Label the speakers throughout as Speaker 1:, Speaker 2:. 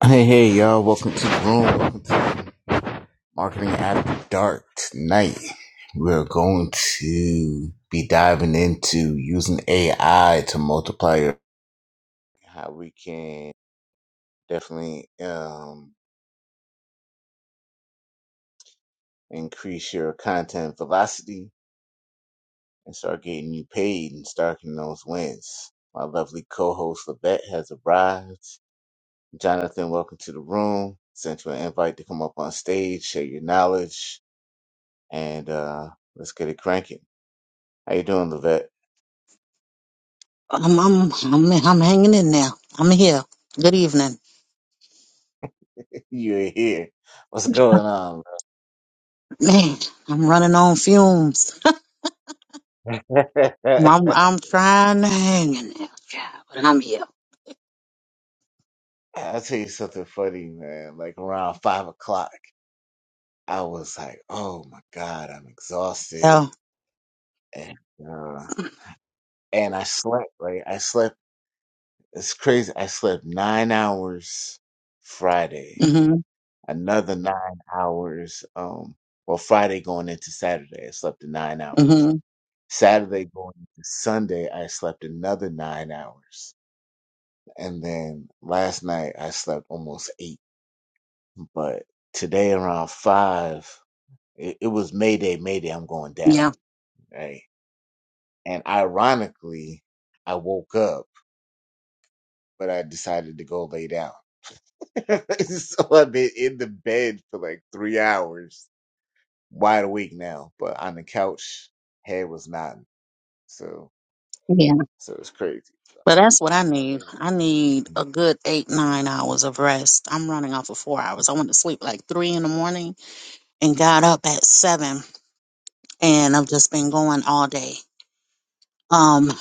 Speaker 1: Hey, hey, y'all. Welcome to the room. Welcome to Marketing After Dark. Tonight, we're going to be diving into using AI to multiply your, how we can definitely um, increase your content velocity and start getting you paid and starting those wins. My lovely co-host Levette has arrived. Jonathan, welcome to the room. Sent you an invite to come up on stage, share your knowledge, and uh let's get it cranking. How you doing, Levette?
Speaker 2: I'm I'm I'm I'm hanging in there. I'm here. Good evening.
Speaker 1: you ain't here. What's going on?
Speaker 2: Man, I'm running on fumes.
Speaker 1: man?
Speaker 2: I'm I'm trying to hang in there, child, but I'm here.
Speaker 1: I'll tell you something funny, man. Like around five o'clock, I was like, "Oh my god, I'm exhausted,"
Speaker 2: Yeah.
Speaker 1: and uh, and I slept. Like I slept. It's crazy. I slept nine hours Friday.
Speaker 2: Mhm.
Speaker 1: Another nine hours. Um, well, Friday going into Saturday, I slept the nine hours
Speaker 2: Mhm.
Speaker 1: Saturday going to Sunday, I slept another nine hours. And then last night, I slept almost eight. But today, around five, it, it was Mayday, Mayday, I'm going down.
Speaker 2: Yeah.
Speaker 1: Right. And ironically, I woke up, but I decided to go lay down. so I've been in the bed for like three hours, wide awake now, but on the couch, head was nodding. So,
Speaker 2: Yeah.
Speaker 1: so it's crazy. So
Speaker 2: But that's what I
Speaker 1: I was
Speaker 2: need.
Speaker 1: able to
Speaker 2: I
Speaker 1: get some
Speaker 2: need a
Speaker 1: work.
Speaker 2: good eight nine hours of rest. I'm running off of four hours. I went to sleep like three in the morning and got up at seven, and I've just been going all day. Um,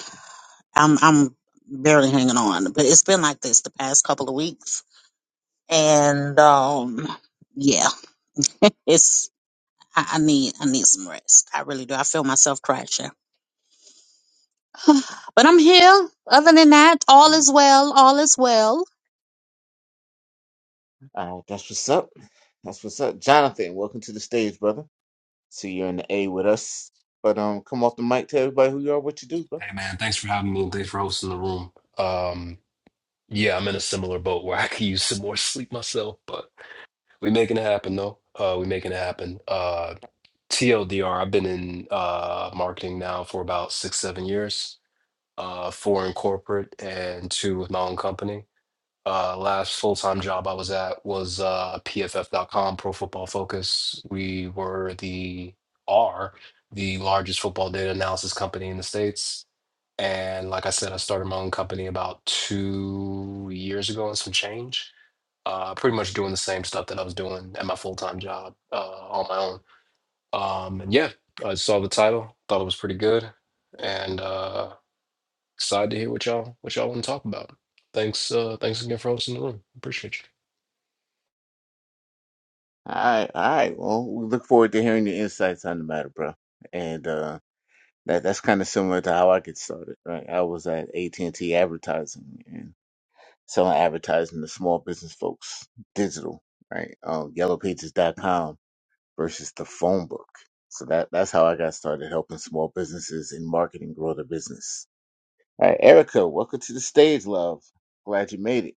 Speaker 2: I'm I'm barely hanging on, but it's been like this the past couple of weeks and um, yeah, it's I, I need I need some rest. I really do. I feel myself crashing, but I'm here. Other than that, all is well. All is well.
Speaker 1: All right, that's what's up. That's what's up. Jonathan, welcome to the stage, brother. See you're in the A with us. But um come off the mic, tell everybody who you are, what you do, bro.
Speaker 3: Hey man, thanks for having me and thanks for hosting the room. Um, yeah, I'm in a similar boat where I could use some more sleep myself, but we making it happen though. Uh, we making it happen. Uh, TLDR, I've been in uh, marketing now for about six, seven years, uh, four in corporate and two with my own company uh, last full time job I was at was uh, PFF.com, Pro Football Focus. We were the are the largest football data analysis company in the states. And like I said, I started my own company about two years ago and some change. Uh, pretty much doing the same stuff that I was doing at my full time job uh, on my own. Um, and yeah, I saw the title, thought it was pretty good, and uh, Excited to hear what y'all what y'all want to talk about. Thanks, uh, thanks again for hosting the room. Appreciate you.
Speaker 1: All right, all right. Well, we look forward to hearing your insights on the matter, bro. And uh that that's kind of similar to how I get started, right? I was at AT&T advertising and selling advertising to small business folks, digital, right? Um Yellow Pages dot com versus the phone book. So that that's how I got started helping small businesses in marketing grow their business All right, Erica, welcome to the stage, love. Glad you made it.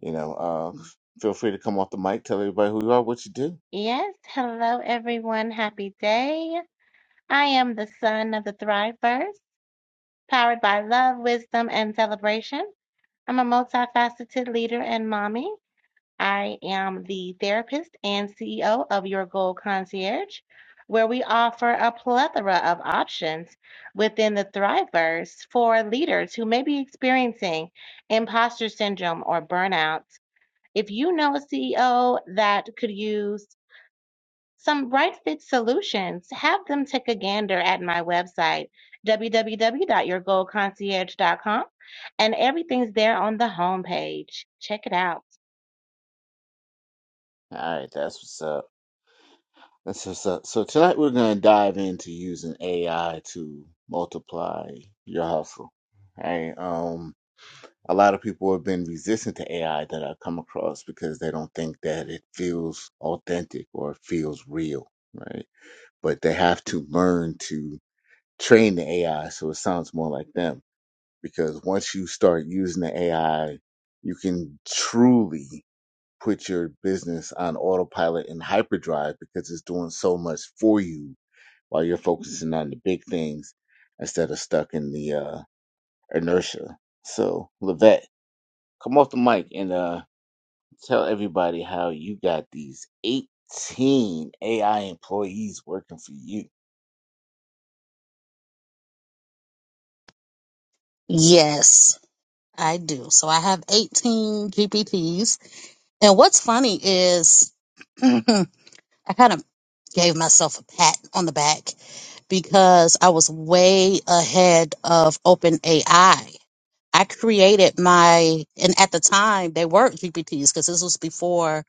Speaker 1: You know, uh, feel free to come off the mic, tell everybody who you are, what you do.
Speaker 4: Yes, hello everyone. Happy day. I am the son of the Thriveverse, powered by love, wisdom, and celebration. I'm a multifaceted leader and mommy. I am the therapist and CEO of Your Goal Concierge, where we offer a plethora of options within the Thriveverse for leaders who may be experiencing imposter syndrome or burnout. If you know a CEO that could use some right fit solutions, have them take a gander at my website, www.yourgoldconcierge.com, and everything's there on the homepage. Check it out.
Speaker 1: All right, that's what's up. That's what's up. So tonight we're going to dive into using AI to multiply your hustle. Right? Um, a lot of people have been resistant to AI that I've come across because they don't think that it feels authentic or it feels real, right? But they have to learn to train the AI so it sounds more like them because once you start using the AI, you can truly put your business on autopilot and hyperdrive because it's doing so much for you while you're focusing on the big things instead of stuck in the uh, inertia. So, Levette, come off the mic and uh, tell everybody how you got these 18 AI employees working for you.
Speaker 2: Yes, I do. So I have 18 GPTs, and what's funny is I kind of gave myself a pat on the back because I was way ahead of OpenAI. I created my, and at the time they were GPTs because this was before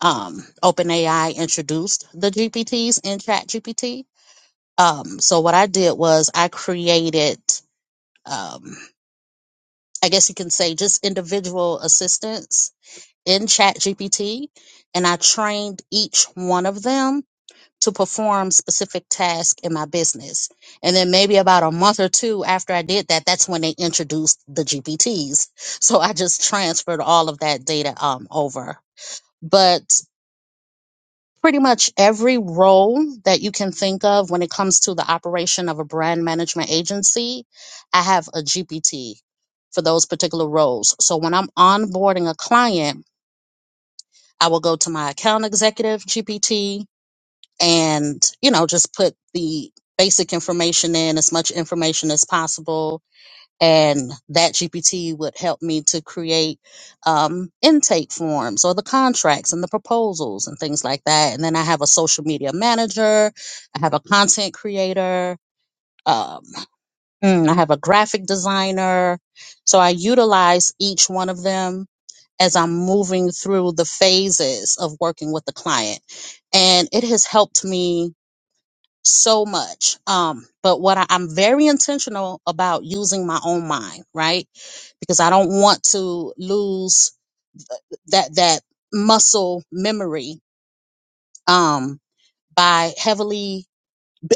Speaker 2: um, OpenAI introduced the GPTs in ChatGPT. Um, so what I did was I created, um, I guess you can say, just individual assistants in ChatGPT, and I trained each one of them to perform specific tasks in my business. And then maybe about a month or two after I did that, that's when they introduced the GPTs. So I just transferred all of that data um, over. But pretty much every role that you can think of when it comes to the operation of a brand management agency, I have a GPT for those particular roles. So when I'm onboarding a client, I will go to my account executive GPT and you know just put the basic information in as much information as possible and that gpt would help me to create um, intake forms or the contracts and the proposals and things like that and then i have a social media manager i have a content creator um, mm, i have a graphic designer so i utilize each one of them as i'm moving through the phases of working with the client and it has helped me so much. Um, but what I, I'm very intentional about using my own mind, right? Because I don't want to lose that that muscle memory um by heavily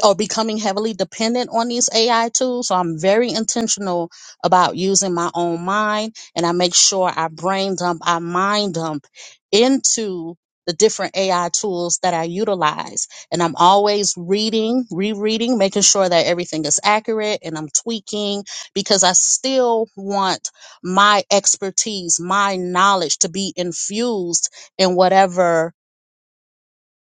Speaker 2: or becoming heavily dependent on these AI tools. So I'm very intentional about using my own mind and I make sure I brain dump, I mind dump into the different AI tools that I utilize. And I'm always reading, rereading, making sure that everything is accurate and I'm tweaking because I still want my expertise, my knowledge to be infused in whatever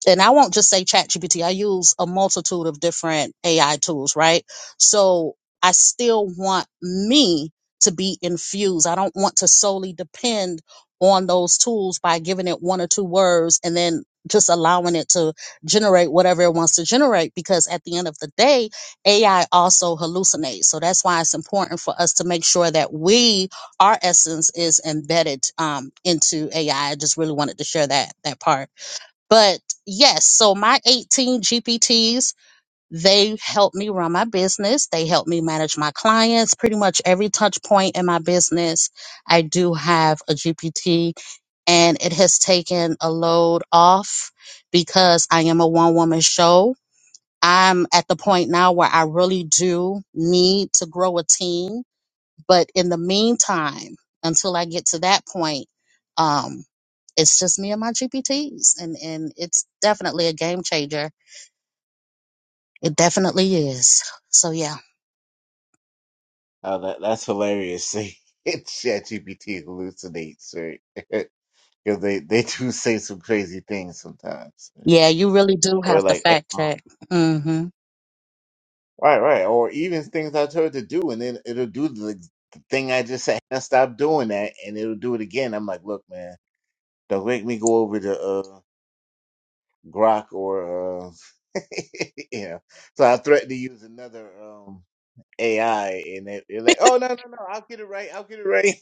Speaker 2: and I won't just say ChatGPT. I use a multitude of different AI tools, right? So I still want me to be infused. I don't want to solely depend on those tools by giving it one or two words and then just allowing it to generate whatever it wants to generate because at the end of the day, AI also hallucinates. So that's why it's important for us to make sure that we, our essence is embedded um, into AI. I I just really wanted to share that, that part. But yes, so my 18 GPTs, they help me run my business. They help me manage my clients. Pretty much every touch point in my business, I do have a GPT, and it has taken a load off because I am a one woman show. I'm at the point now where I really do need to grow a team but in the meantime, until I get to that point, um, it's just me and my GPTs, and and it's definitely a game changer. It definitely is. So yeah,
Speaker 1: Oh, that, that's hilarious. Chat GPT hallucinates, right? because they they do say some crazy things sometimes,
Speaker 2: yeah, you really do
Speaker 1: or
Speaker 2: have to
Speaker 1: like hey,
Speaker 2: fact
Speaker 1: mom.
Speaker 2: check. hmm
Speaker 1: right, right, or even things I told her to do, and then it'll do the, like, the thing I just said. "Now Stop doing that, and it'll do it again. I'm like, look, man, don't make me go over to uh, Grok or uh, you know. So I threatened to use another um AI, and they, they're like, oh no, no, no, I'll get it right, I'll get it right.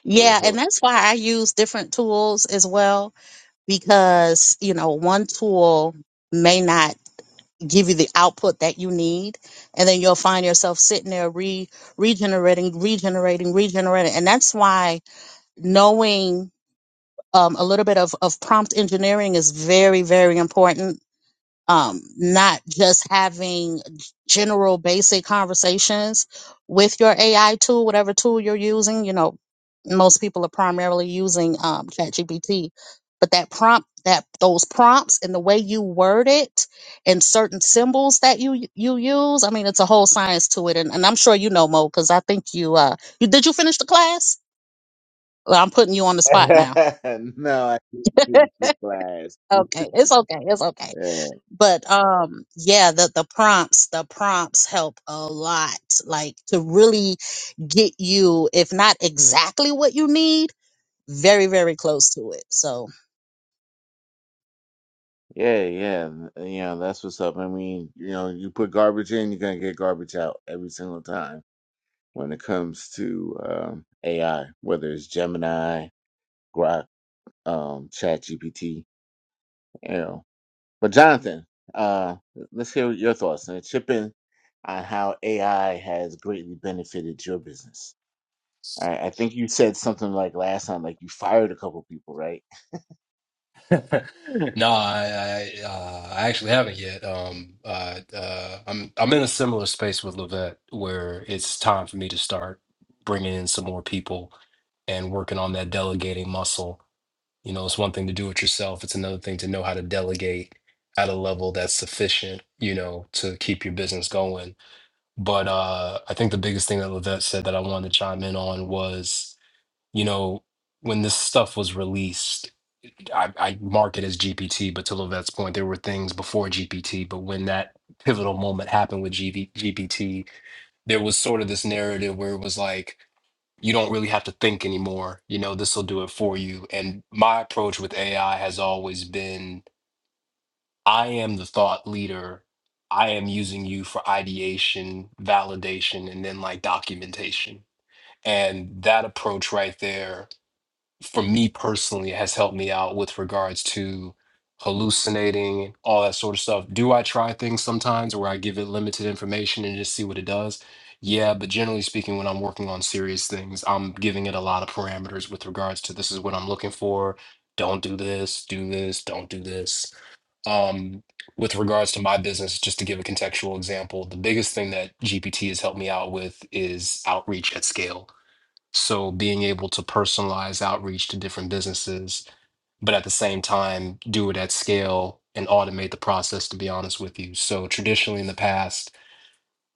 Speaker 1: so,
Speaker 2: Yeah,
Speaker 1: so
Speaker 2: and that's why I use different tools as well because you know one tool may not give you the output that you need, and then you'll find yourself sitting there re regenerating, regenerating, regenerating, and that's why knowing um, a little bit of, of prompt engineering is very, very important. Um, not just having general basic conversations with your AI tool, whatever tool you're using. You know, most people are primarily using um, ChatGPT, but that prompt, that those prompts and the way you word it and certain symbols that you you use. I mean, it's a whole science to it, and, and I'm sure you know Mo because I think you uh, you did you finish the class? Well, I'm putting you on the spot now.
Speaker 1: no, I didn't do the class.
Speaker 2: okay it's okay it's okay
Speaker 1: Yeah.
Speaker 2: but um yeah the the prompts the prompts help a lot like to really get you if not exactly what you need very very close to it so
Speaker 1: Yeah, yeah, th- you know that's what's up. I mean, you know, you put garbage in, you're gonna get garbage out every single time when it comes to um, AI, whether it's Gemini, Grok, um, ChatGPT, you know. But Jonathan, uh, let's hear your thoughts and chip in on how AI has greatly benefited your business. I, I think you said something like last time, like you fired a couple people, right?
Speaker 3: No, I I, uh, I actually haven't yet. Um, uh, uh, I'm I'm in a similar space with Levette where it's time for me to start bringing in some more people and working on that delegating muscle. You know, it's one thing to do it yourself. It's another thing to know how to delegate at a level that's sufficient, you know, to keep your business going. But uh, I think the biggest thing that Levette said that I wanted to chime in on was. you know, when this stuff was released, I, I mark it as GPT, but to Levette's point, there were things before GPT, but when that pivotal moment happened with GV, GPT, there was sort of this narrative where it was like, you don't really have to think anymore. You know, this will do it for you. And my approach with AI has always been I am the thought leader. I am using you for ideation, validation, and then like documentation. And that approach right there for me personally has helped me out with regards to hallucinating all that sort of stuff do i try things sometimes where i give it limited information and just see what it does yeah but generally speaking when i'm working on serious things i'm giving it a lot of parameters with regards to this is what i'm looking for don't do this do this don't do this um with regards to my business just to give a contextual example the biggest thing that gpt has helped me out with is outreach at scale so being able to personalize outreach to different businesses, but at the same time, do it at scale and automate the process, to be honest with you. So traditionally in the past,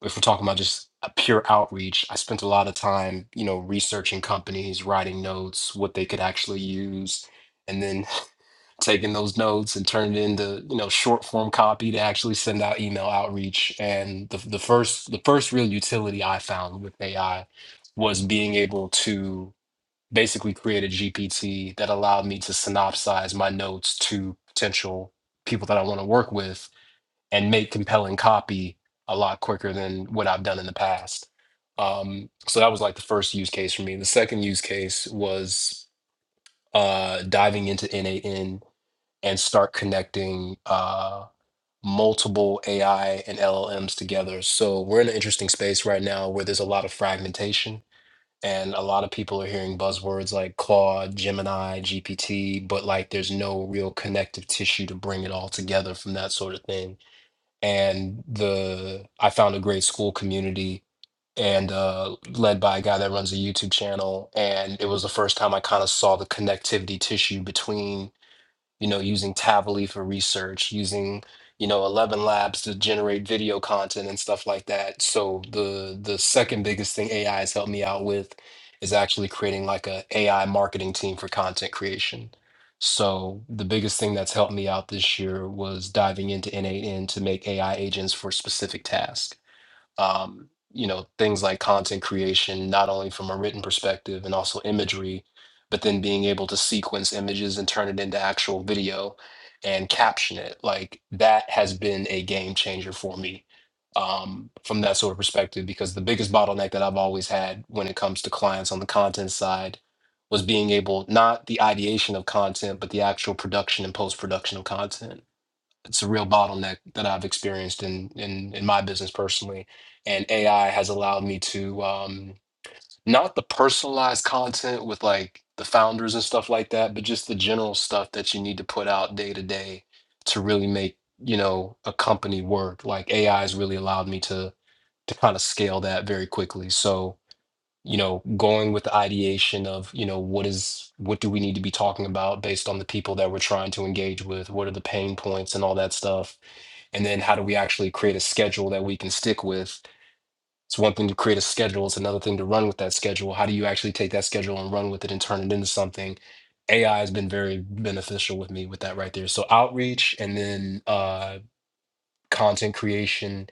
Speaker 3: if we're talking about just a pure outreach, I spent a lot of time, you know, researching companies, writing notes, what they could actually use, and then taking those notes and turning it into, you know, short form copy to actually send out email outreach. And the, the first the first real utility I found with AI was being able to basically create a GPT that allowed me to synopsize my notes to potential people that I want to work with and make compelling copy a lot quicker than what I've done in the past. Um, so that was like the first use case for me. The second use case was uh, diving into NAN and start connecting uh, multiple AI and LLMs together. So we're in an interesting space right now where there's a lot of fragmentation and a lot of people are hearing buzzwords like Claude, Gemini, GPT, but like there's no real connective tissue to bring it all together from that sort of thing. And the I found a great school community and uh, led by a guy that runs a YouTube channel, and it was the first time I kind of saw the connectivity tissue between you know, using Tavily for research, using, you know, 11 Labs to generate video content and stuff like that. So the the second biggest thing AI has helped me out with is actually creating like a AI marketing team for content creation. So the biggest thing that's helped me out this year was diving into N8N to make AI agents for specific tasks um, you know things like content creation not only from a written perspective and also imagery but then being able to sequence images and turn it into actual video and caption it like that has been a game changer for me um, from that sort of perspective because the biggest bottleneck that i've always had when it comes to clients on the content side was being able not the ideation of content but the actual production and post-production of content it's a real bottleneck that I've experienced in in in my business personally, and AI has allowed me to um, not the personalized content with like the founders and stuff like that, but just the general stuff that you need to put out day to day to really make you know a company work. Like AI has really allowed me to to kind of scale that very quickly. So you know, going with the ideation of, you know, what is, what do we need to be talking about based on the people that we're trying to engage with? What are the pain points and all that stuff? And then how do we actually create a schedule that we can stick with? It's one thing to create a schedule, it's another thing to run with that schedule. How do you actually take that schedule and run with it and turn it into something? AI has been very beneficial with me with that right there. So outreach and then uh, content creation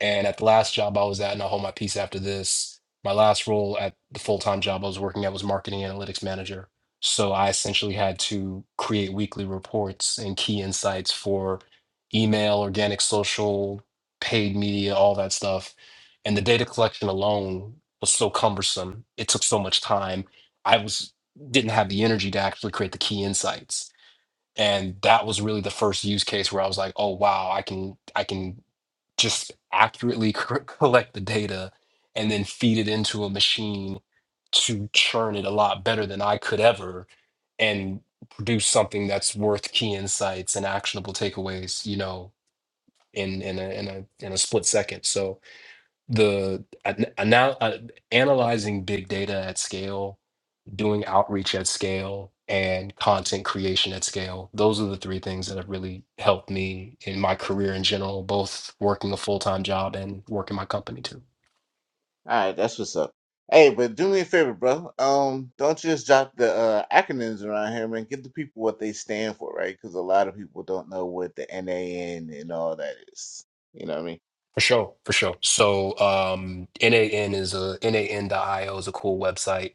Speaker 3: and at the last job I was at, and I'll hold my peace after this, my last role at the full time job I was working at was marketing analytics manager. So I essentially had to create weekly reports and key insights for email, organic social, paid media, all that stuff. And the data collection alone was so cumbersome. It took so much time. I was didn't have the energy to actually create the key insights. And that was really the first use case where I was like, oh wow, I can I can just accurately cor- collect the data and then feed it into a machine to churn it a lot better than I could ever and produce something that's worth key insights and actionable takeaways, you know, in in a in a in a split second. So the an- anal- uh, analyzing big data at scale doing outreach at scale and content creation at scale. Those are the three things that have really helped me in my career in general, both working a full time job and working my company too.
Speaker 1: All right, that's what's up. Hey, but do me a favor, bro. Um, don't just drop the uh, acronyms around here, man. Give the people what they stand for, right? Because a lot of people don't know what the NAN and all that is. You know what I mean?
Speaker 3: For sure, for sure. So um, NAN is a N A N dot io is a cool website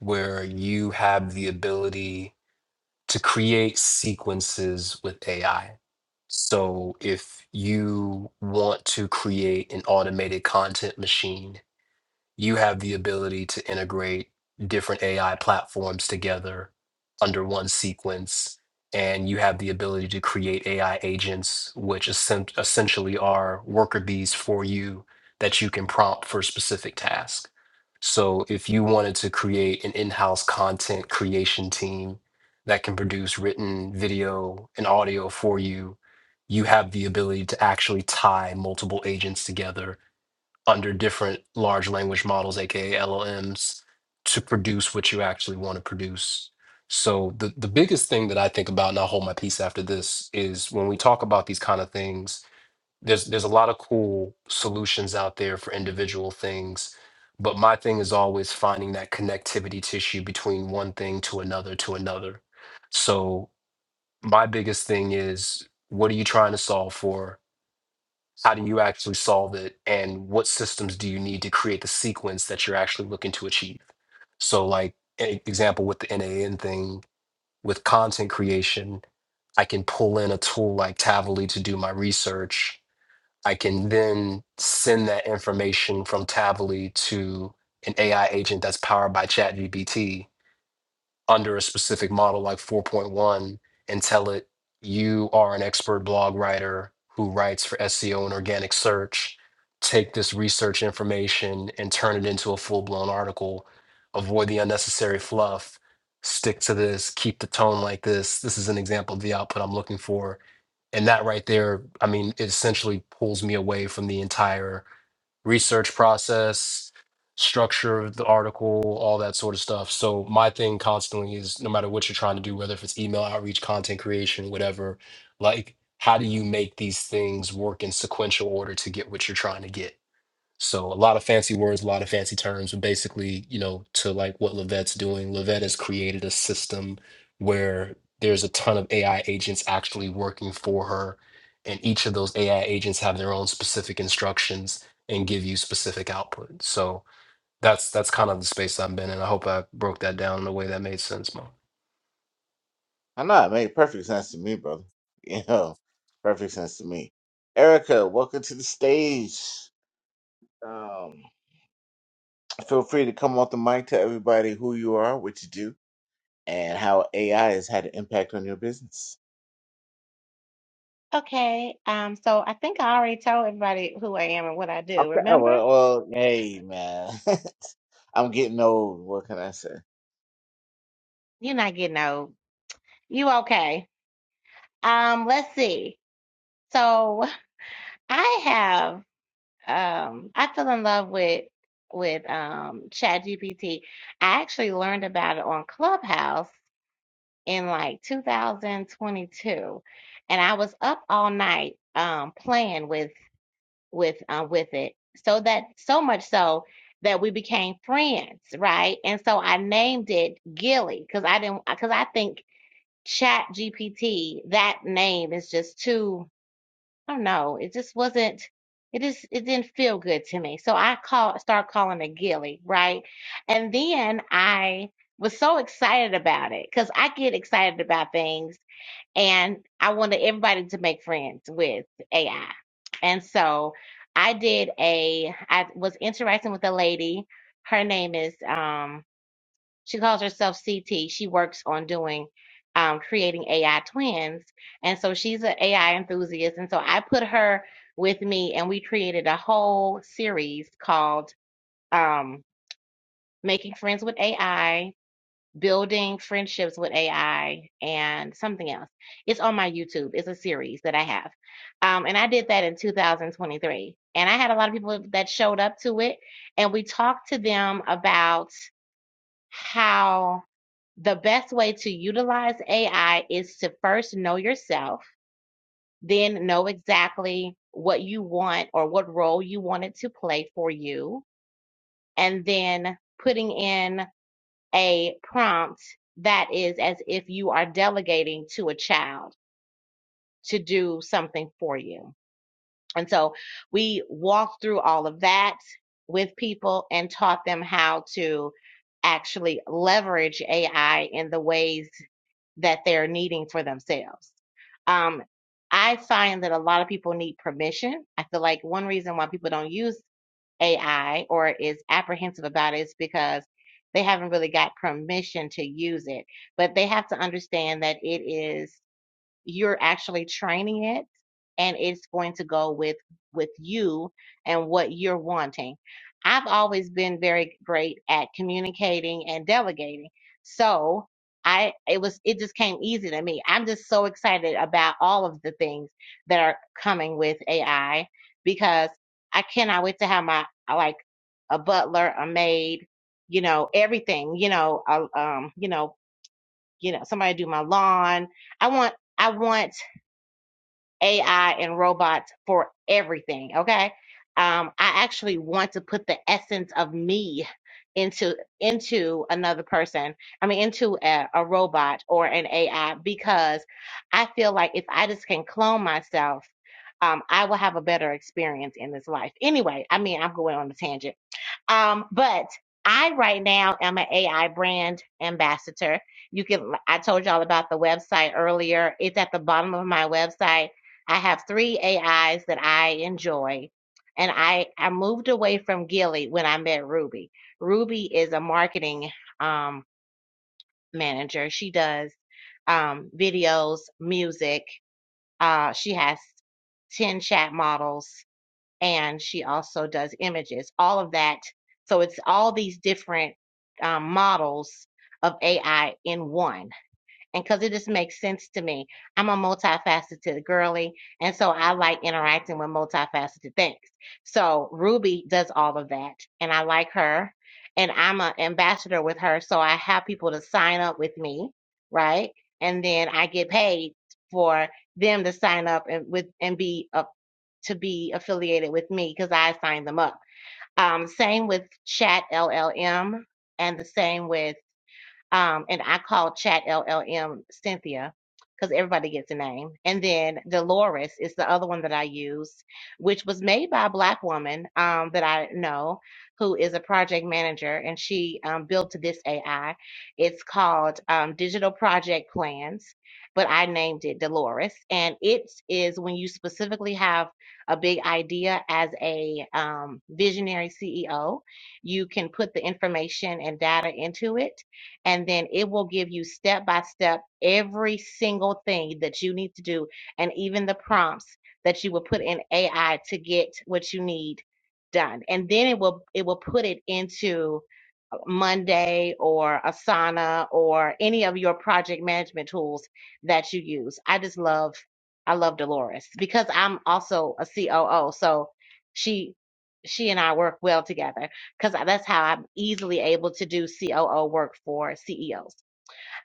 Speaker 3: where you have the ability to create sequences with AI. So if you want to create an automated content machine you have the ability to integrate different AI platforms together under one sequence. And you have the ability to create AI agents, which essen- essentially are worker bees for you that you can prompt for a specific task. So if you wanted to create an in house content creation team that can produce written video and audio for you, you have the ability to actually tie multiple agents together under different large language models, aka LLMs, to produce what you actually want to produce. So the the biggest thing that I think about, and I'll hold my peace after this, is when we talk about these kind of things. There's there's a lot of cool solutions out there for individual things, but my thing is always finding that connectivity tissue between one thing to another to another. So my biggest thing is what are you trying to solve for? How do you actually solve it? And what systems do you need to create the sequence that you're actually looking to achieve? So, like, an example with the NAN thing, with content creation, I can pull in a tool like Tavily to do my research. I can then send that information from Tavily to an AI agent that's powered by ChatGPT under a specific model like 4.1 and tell it you are an expert blog writer who writes for SEO and organic search. Take this research information and turn it into a full blown article. Avoid the unnecessary fluff. Stick to this. Keep the tone like this. This is an example of the output I'm looking for. And that right there, I mean, it essentially pulls me away from the entire research process, structure of the article, all that sort of stuff. So my thing constantly is no matter what you're trying to do, whether if it's email outreach, content creation, whatever, like how do you make these things work in sequential order to get what you're trying to get? So a lot of fancy words, a lot of fancy terms, but basically, you know, to like what Levette's doing, Levette has created a system where there's a ton of AI agents actually working for her, and each of those AI agents have their own specific instructions and give you specific output. So that's that's kind of the space I've been in. I hope I broke that down in a way that made sense, Mo.
Speaker 1: I know it made perfect sense to me, brother. You know, perfect sense to me. Erica, welcome to the stage. Um, feel free to come off the mic, tell everybody who you are, what you do, and how AI has had an impact on your business.
Speaker 4: Okay, um, so I think I already told everybody who I am and what I do.
Speaker 1: Okay,
Speaker 4: Remember?
Speaker 1: well, well, hey, man, I'm getting old. What can I say?
Speaker 4: You're not getting old. You okay? Um, let's see. So I have um I fell in love with with um ChatGPT. I actually learned about it on Clubhouse in like 2022 and i was up all night um playing with with uh, with it so that so much so that we became friends right and so i named it gilly because i didn't because i think chat gpt that name is just too i don't know it just wasn't it just it didn't feel good to me so i call start calling it gilly right and then i was so excited about it because i get excited about things and I wanted everybody to make friends with AI. And so I did a I was interacting with a lady. Her name is um she calls herself CT. She works on doing um creating AI twins. And so she's an AI enthusiast. And so I put her with me and we created a whole series called um Making Friends with AI Building Friendships with AI and something else. It's on my YouTube. It's a series that I have. Um, and I did that in 2023. And I had a lot of people that showed up to it. And we talked to them about how the best way to utilize AI is to first know yourself, then know exactly what you want or what role you want it to play for you, and then putting in a prompt that is as if you are delegating to a child to do something for you. And so we walked through all of that with people and taught them how to actually leverage AI in the ways that they're needing for themselves. Um, I find that a lot of people need permission. I feel like one reason why people don't use AI or is apprehensive about it is because they haven't really got permission to use it. But they have to understand that it is you're actually training it and it's going to go with with you and what you're wanting i've always been very great at communicating and delegating so i it was it just came easy to me i'm just so excited about all of the things that are coming with ai because i cannot wait to have my like a butler a maid you know everything you know a, um you know you know somebody do my lawn i want I want AI and robots for everything. Okay. Um, I actually want to put the essence of me into into another person. I mean, into a, a robot or an AI because I feel like if I just can clone myself, um, I will have a better experience in this life. Anyway, I mean, I'm going on a tangent um, but I right now am an AI brand ambassador. You can I told y'all about the website earlier. It's at the bottom of my website. I have three AIs that I enjoy. And I, I moved away from Gilly when I met Ruby. Ruby is a marketing um, manager. She does um, videos, music. Uh, she has 10 chat models and she also does images. All of that. So it's all these different um, models of AI in one. And because it just makes sense to me, I'm a multifaceted girly. And so I like interacting with multifaceted things. So Ruby does all of that. And I like her. And I'm an ambassador with her. So I have people to sign up with me. Right. And then I get paid for them to sign up and with and be a to be affiliated with me because I signed them up. Um, same with Chat LLM, and the same with um, and I call Chat LLM Cynthia because everybody gets a name. And then Dolores is the other one that I use, which was made by a black woman um, that I know who is a project manager, and she um, built this AI. It's called um, Digital Project Plans, but I named it Dolores. And it is when you specifically have a big idea as a um, visionary CEO, you can put the information and data into it and then it will give you step by step every single thing that you need to do and even the prompts that you will put in AI to get what you need done. And then it will it will put it into Monday or Asana or any of your project management tools that you use. I just love I love Dolores because I'm also a COO, so she she and I work well together because that's how I'm easily able to do COO work for CEOs.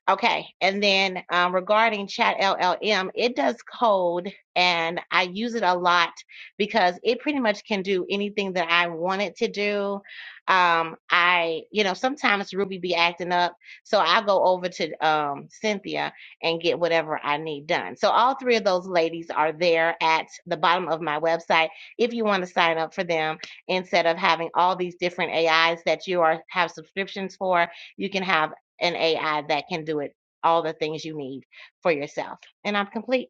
Speaker 4: Okay. And then um, regarding Chat LLM, it does code and I use it a lot because it pretty much can do anything that I want it to do. Um, I, you know, sometimes Ruby be acting up. So I'll go over to um, Cynthia and get whatever I need done. So all three of those ladies are there at the bottom of my website if you want to sign up for them instead of having all these different AIs that you are have subscriptions for you can have an AI that can do it all the things you need for yourself. And I'm complete.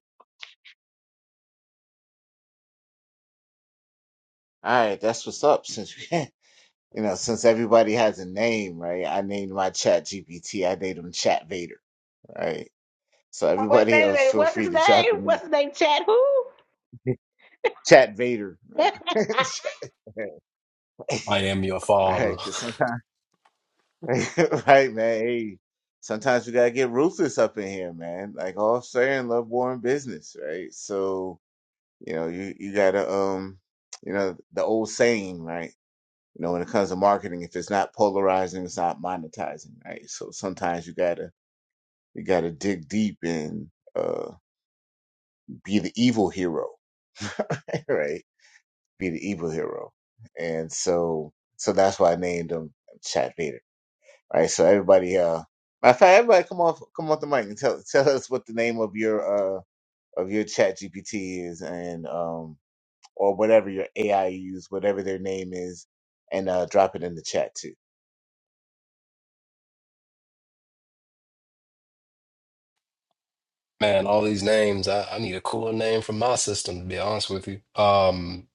Speaker 1: All right, that's what's up. Since you know, since everybody has a name, right? I named my Chat GPT. I named him Chat Vader, right? So
Speaker 4: Wait,
Speaker 1: everybody
Speaker 4: wait,
Speaker 1: else,
Speaker 4: wait,
Speaker 1: feel
Speaker 4: what's his
Speaker 1: free to drop
Speaker 4: name?
Speaker 1: the
Speaker 4: What's his
Speaker 1: name
Speaker 4: name? Chad who?
Speaker 1: Chat Vader. Right? Chat- All
Speaker 3: I am your
Speaker 1: right,
Speaker 3: father.
Speaker 1: because sometimes, right, man, hey, sometimes we gotta get ruthless up in here, man. Like all fair and love, war, and business, right? So. You know, you, you gotta, um, you know, the old saying, right? You know, when it comes to marketing, if it's not polarizing, it's not monetizing, right? So sometimes you gotta, you gotta dig deep and, uh, be the evil hero, right? Be the evil hero. And so, so that's why I named him Chat Vader, right? So everybody, uh, matter of fact, everybody come off, come off the mic and tell, tell us what the name of your, uh, of your Chat GPT is and, um, or whatever your AI use, whatever their name is, and uh, drop it in the chat too.
Speaker 3: Man, all these names, I, I need a cooler name for my system, to be honest with you. Um,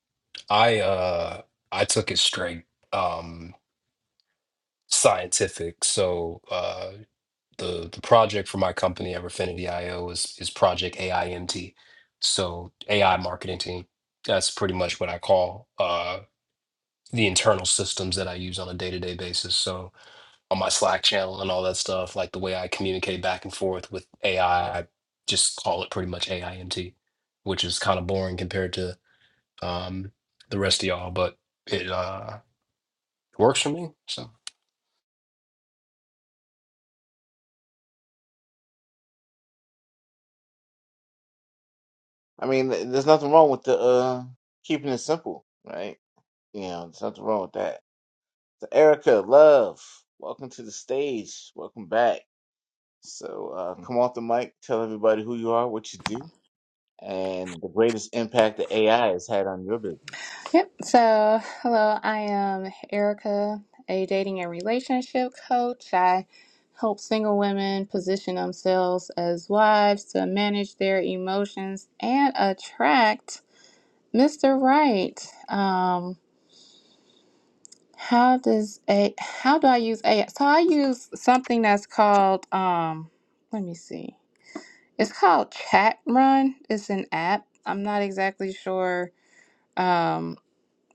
Speaker 3: I uh I took it straight um scientific. So uh the the project for my company, Everfinity IO, is is Project AIMT. So AI marketing team. That's pretty much what I call uh the internal systems that I use on a day-to-day basis. So on my Slack channel and all that stuff. Like the way I communicate back and forth with AI, I I just call it pretty much AIMT, which is kind of boring compared to um, the rest of y'all, but it uh, works for me. So
Speaker 1: I mean, th- there's nothing wrong with the uh, keeping it simple, right? You know, there's nothing wrong with that. So Erica, love, welcome to the stage. Welcome back. So uh, come off the mic, tell everybody who you are, what you do, and the greatest impact that AI has had on your business.
Speaker 5: Yep. So, hello, I am Erica, a dating and relationship coach. I help single women position themselves as wives to manage their emotions and attract Mr. Right. Um, how does a how do I use AI? So I use something that's called um, let me see. It's called Chat Run. It's an app. I'm not exactly sure. Um,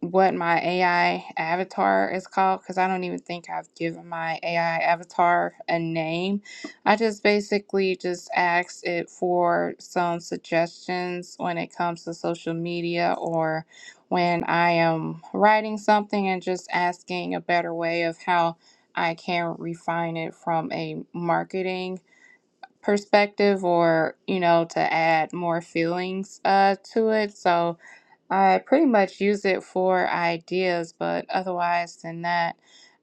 Speaker 5: what my AI avatar is called because I don't even think I've given my AI avatar a name. I just basically just asked it for some suggestions when it comes to social media or when I am writing something and just asking a better way of how I can refine it from a marketing perspective or you know to add more feelings uh to it so I pretty much use it for ideas, but otherwise than that,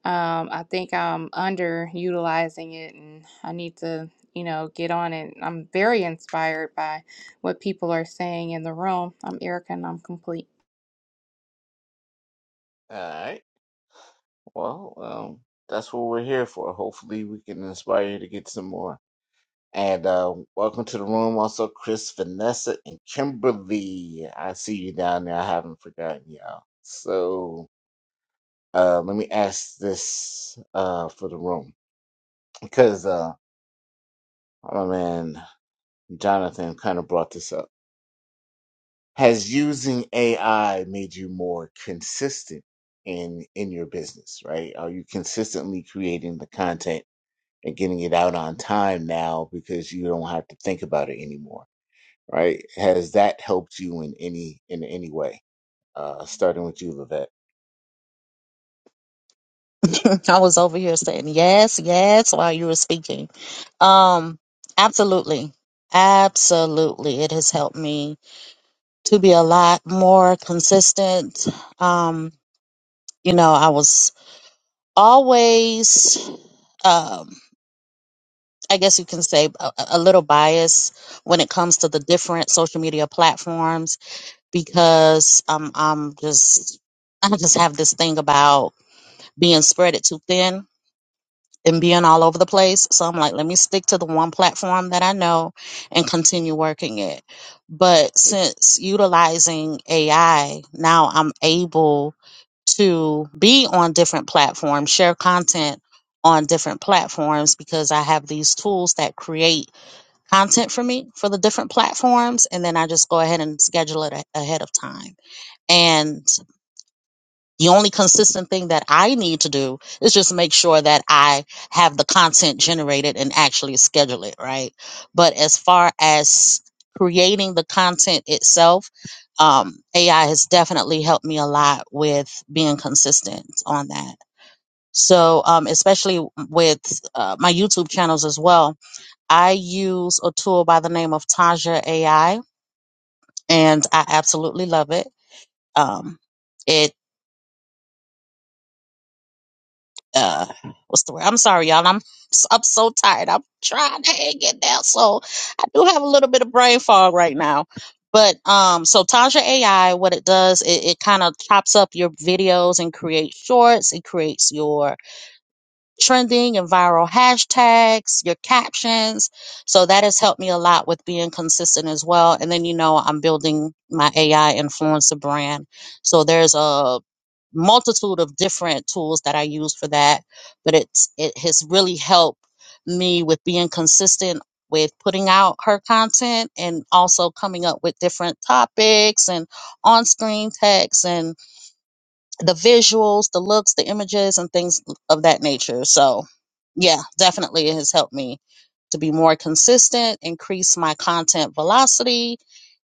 Speaker 5: um, I think I'm underutilizing it and I need to, you know, get on it. I'm very inspired by what people are saying in the room. I'm Erica and I'm complete.
Speaker 1: All right. Well, um, that's what we're here for. Hopefully, we can inspire you to get some more And uh, welcome to the room, also Chris, Vanessa, and Kimberly. I see you down there. I haven't forgotten y'all. So uh, let me ask this uh, for the room because uh, oh, my man Jonathan kind of brought this up. Has using AI made you more consistent in in your business? Right? Are you consistently creating the content and getting it out on time now because you don't have to think about it anymore? right? Has that helped you in any in any way? Uh, starting with you, Levette.
Speaker 2: i was over here saying yes yes while you were speaking um absolutely absolutely it has helped me to be a lot more consistent um you know i was always um I guess you can say a, a little bias when it comes to the different social media platforms because um, I'm just I just have this thing about being spread it too thin and being all over the place. So I'm like, let me stick to the one platform that I know and continue working it. But since utilizing AI, now I'm able to be on different platforms, share content on different platforms because I have these tools that create content for me for the different platforms and then I just go ahead and schedule it a- ahead of time. And the only consistent thing that I need to do is just make sure that I have the content generated and actually schedule it, right? But as far as creating the content itself, um, AI has definitely helped me a lot with being consistent on that. So, um, especially with uh, my YouTube channels as well I use a tool by the name of Taja AI, and I absolutely love it. Um, it uh, what's the word? I'm sorry, y'all. I'm I'm so tired. I'm trying to hang it down, so I do have a little bit of brain fog right now. But um, so Taja AI, what it does, it, it kind of chops up your videos and creates shorts. It creates your trending and viral hashtags, your captions. So that has helped me a lot with being consistent as well. And then, you know, I'm building my AI influencer brand. So there's a multitude of different tools that I use for that, but it's, it has really helped me with being consistent with putting out her content and also coming up with different topics and on-screen text and the visuals, the looks, the images, and things of that nature. So, yeah, definitely it has helped me to be more consistent, increase my content velocity,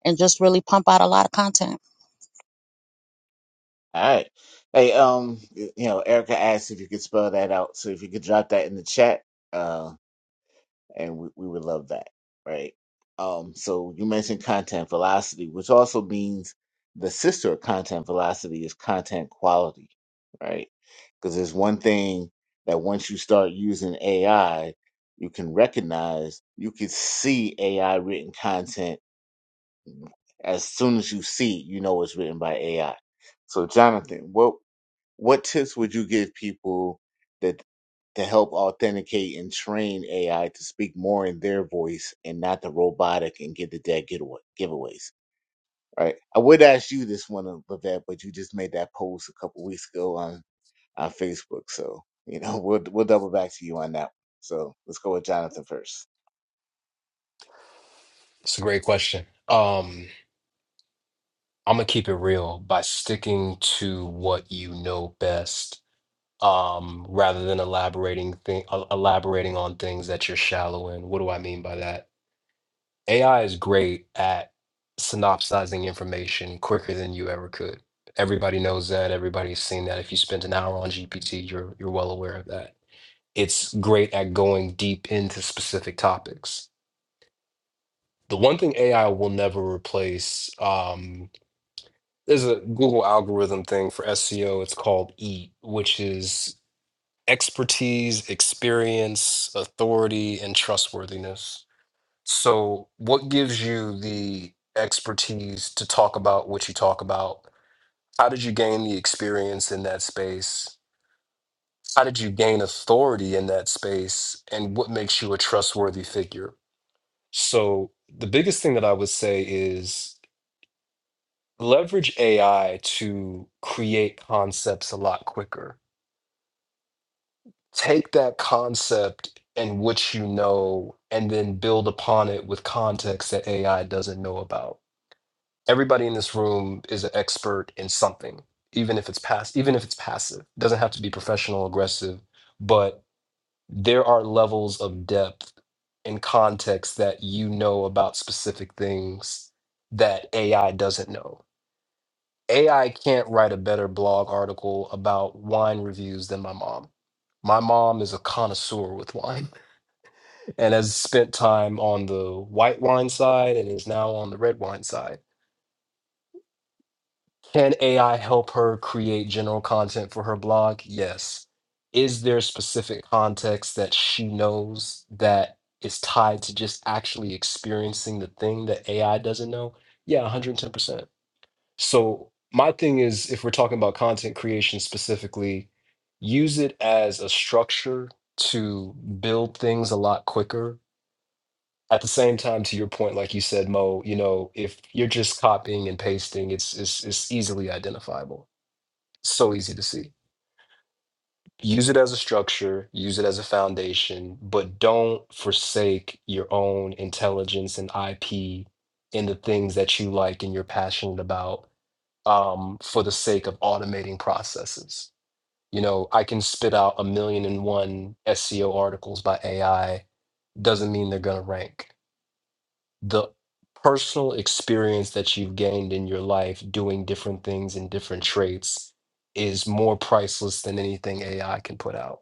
Speaker 2: and just really pump out a lot of content.
Speaker 1: All right. Hey, um, you know, Erica asked if you could spell that out, so if you could drop that in the chat, uh, and we, we would love that, right? Um, so you mentioned content velocity, which also means the sister of content velocity is content quality, right? Because there's one thing that once you start using AI, you can recognize, you can see AI written content As soon as you see it, you know it's written by AI. So, Jonathan, what what tips would you give people that to help authenticate and train AI to speak more in their voice and not the robotic and get the dead giveaway, giveaways? Right. I would ask you this one, uh, Levette, but you just made that post a couple weeks ago on on Facebook, so you know we'll we'll double back to you on that. So let's go with Jonathan first.
Speaker 3: it's a great question. Um, I'm gonna keep it real by sticking to what you know best, um, rather than elaborating thing, elaborating on things that you're shallow in. What do I mean by that? AI is great at synopsizing information quicker than you ever could. Everybody knows that. Everybody's seen that. If you spent an hour on GPT, you're you're well aware of that. It's great at going deep into specific topics. The one thing AI will never replace, um, there's a Google algorithm thing for SEO. It's called EAT, which is expertise, experience, authority, and trustworthiness So, what gives you the expertise to talk about what you talk about? How did you gain the experience in that space? How did you gain authority in that space? And what makes you a trustworthy figure? So, the biggest thing that I would say is leverage AI to create concepts a lot quicker. Take that concept and what you know, and then build upon it with context that AI doesn't know about everybody in this room is an expert in something even if it's pass even if it's passive it doesn't have to be professional aggressive but there are levels of depth and context that you know about specific things that AI doesn't know. AI can't write a better blog article about wine reviews than my mom. My mom is a connoisseur with wine and has spent time on the white wine side and is now on the red wine side Can AI help her create general content for her blog? Yes. Is there specific context that she knows that is tied to just actually experiencing the thing that AI doesn't know? Yeah, 110%. So, my thing is if we're talking about content creation specifically, use it as a structure to build things a lot quicker. At the same time, to your point, like you said, Mo, you know, if you're just copying and pasting, it's it's, it's easily identifiable so easy to see. Use it as a structure, use it as a foundation, but don't forsake your own intelligence and IP in the things that you like and you're passionate about um, for the sake of automating processes. You know, I can spit out a million and one SEO articles by AI, doesn't mean they're going to rank the personal experience that you've gained in your life doing different things and different traits is more priceless than anything AI can put out.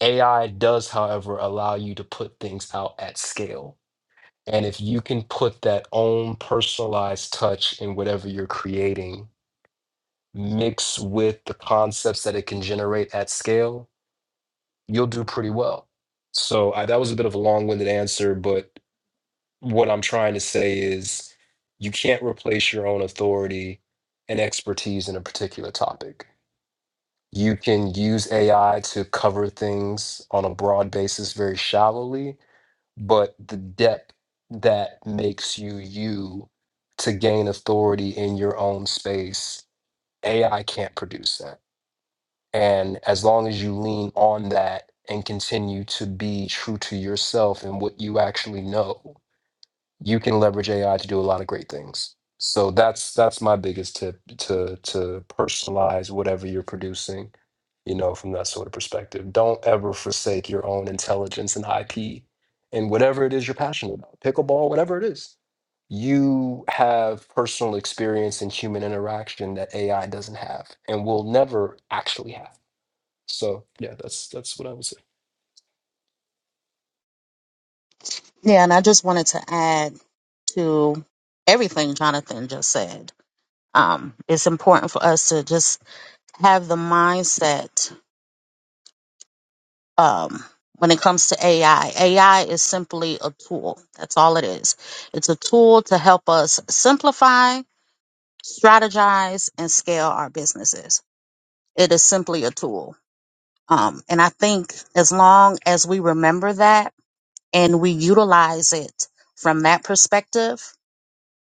Speaker 3: AI does, however, allow you to put things out at scale. And if you can put that own personalized touch in whatever you're creating, mix with the concepts that it can generate at scale, you'll do pretty well. So I, that was a bit of a long winded answer, but what I'm trying to say is you can't replace your own authority and expertise in a particular topic. You can use AI to cover things on a broad basis very shallowly, but the depth that makes you you to gain authority in your own space, AI can't produce that. And as long as you lean on that and continue to be true to yourself and what you actually know, you can leverage AI to do a lot of great things. So that's that's my biggest tip to to personalize whatever you're producing, you know, from that sort of perspective. Don't ever forsake your own intelligence and IP and whatever it is you're passionate about, pickleball, whatever it is. You have personal experience and human interaction that AI doesn't have and will never actually have. So yeah, that's that's what I would say.
Speaker 2: Yeah, and I just wanted to add to everything Jonathan just said. Um, it's important for us to just have the mindset um, when it comes to AI. AI is simply a tool. That's all it is. It's a tool to help us simplify strategize and scale our businesses. It is simply a tool. Um, and I think as long as we remember that and we utilize it from that perspective,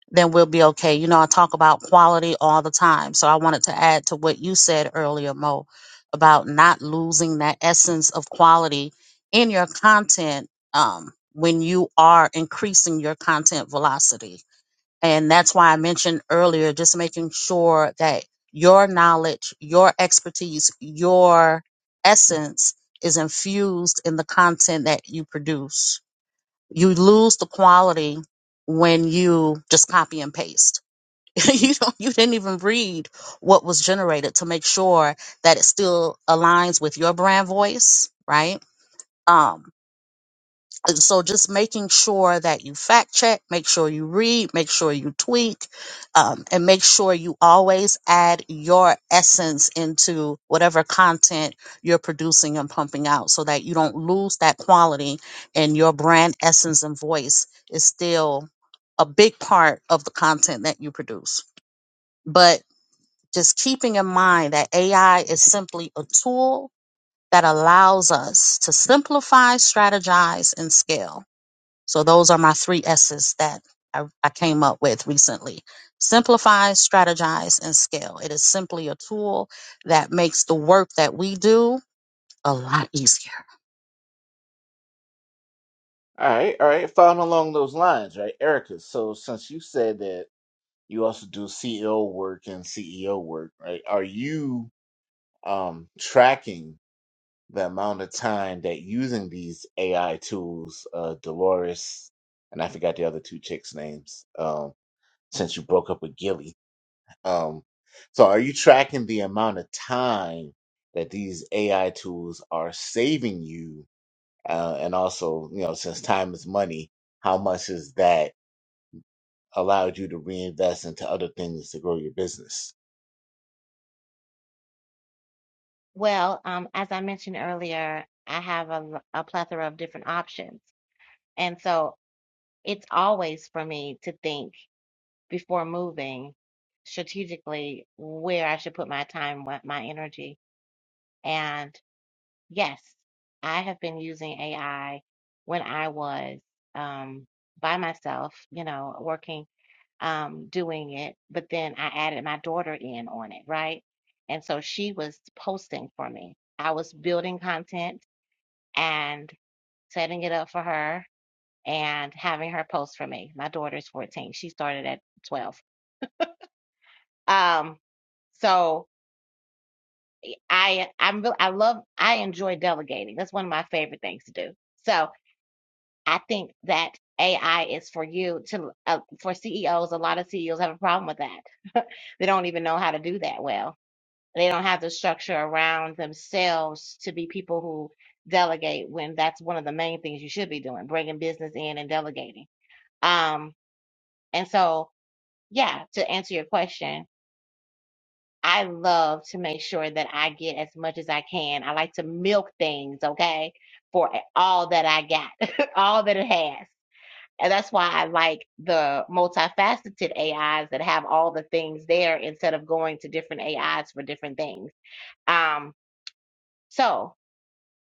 Speaker 2: then we'll be okay. You know, I talk about quality all the time. So I wanted to add to what you said earlier, Mo, about not losing that essence of quality in your content um, when you are increasing your content velocity and that's why I mentioned earlier just making sure that your knowledge, your expertise, your essence is infused in the content that you produce. You lose the quality when you just copy and paste. you don't, you didn't even read what was generated to make sure that it still aligns with your brand voice, right? Um, and so just making sure that you fact check, make sure you read, make sure you tweak, um, and make sure you always add your essence into whatever content you're producing and pumping out so that you don't lose that quality and your brand essence and voice is still a big part of the content that you produce. But just keeping in mind that AI is simply a tool that allows us to simplify, strategize, and scale so those are my three S's that I, I came up with recently. Simplify, strategize, and scale. It is simply a tool that makes the work that we do a lot easier.
Speaker 1: All right, all right. Following along those lines, right, Erica? So since you said that you also do CEO work and CEO work, right? Are you um, tracking the amount of time that using these AI tools, uh, Dolores, and I forgot the other two chicks' names, um, since you broke up with Gilly. Um, so are you tracking the amount of time that these AI tools are saving you? Uh, and also, you know, since time is money, how much has that allowed you to reinvest into other things to grow your business?
Speaker 4: well, um, as I mentioned earlier, I have a a plethora of different options. And so it's always for me to think before moving strategically where I should put my time, what my energy. And Yes, I have been using AI when I was um, by myself, you know, working, um, doing it. But then I added my daughter in on it, right? And so she was posting for me. I was building content and setting it up for her and having her post for me. My daughter's 14. She started at 12. Um, so I I'm real- I love I enjoy delegating. That's one of my favorite things to do. So I think that AI is for you to uh, for CEOs. A lot of CEOs have a problem with that. they don't even know how to do that well. They don't have the structure around themselves to be people who delegate when that's one of the main things you should be doing, bringing business in and delegating. Um, and so, yeah, to answer your question, I love to make sure that I get as much as I can. I like to milk things, okay, for all that I got, all that it has And that's why I like the multifaceted AIs that have all the things there instead of going to different AIs for different things. Um, so,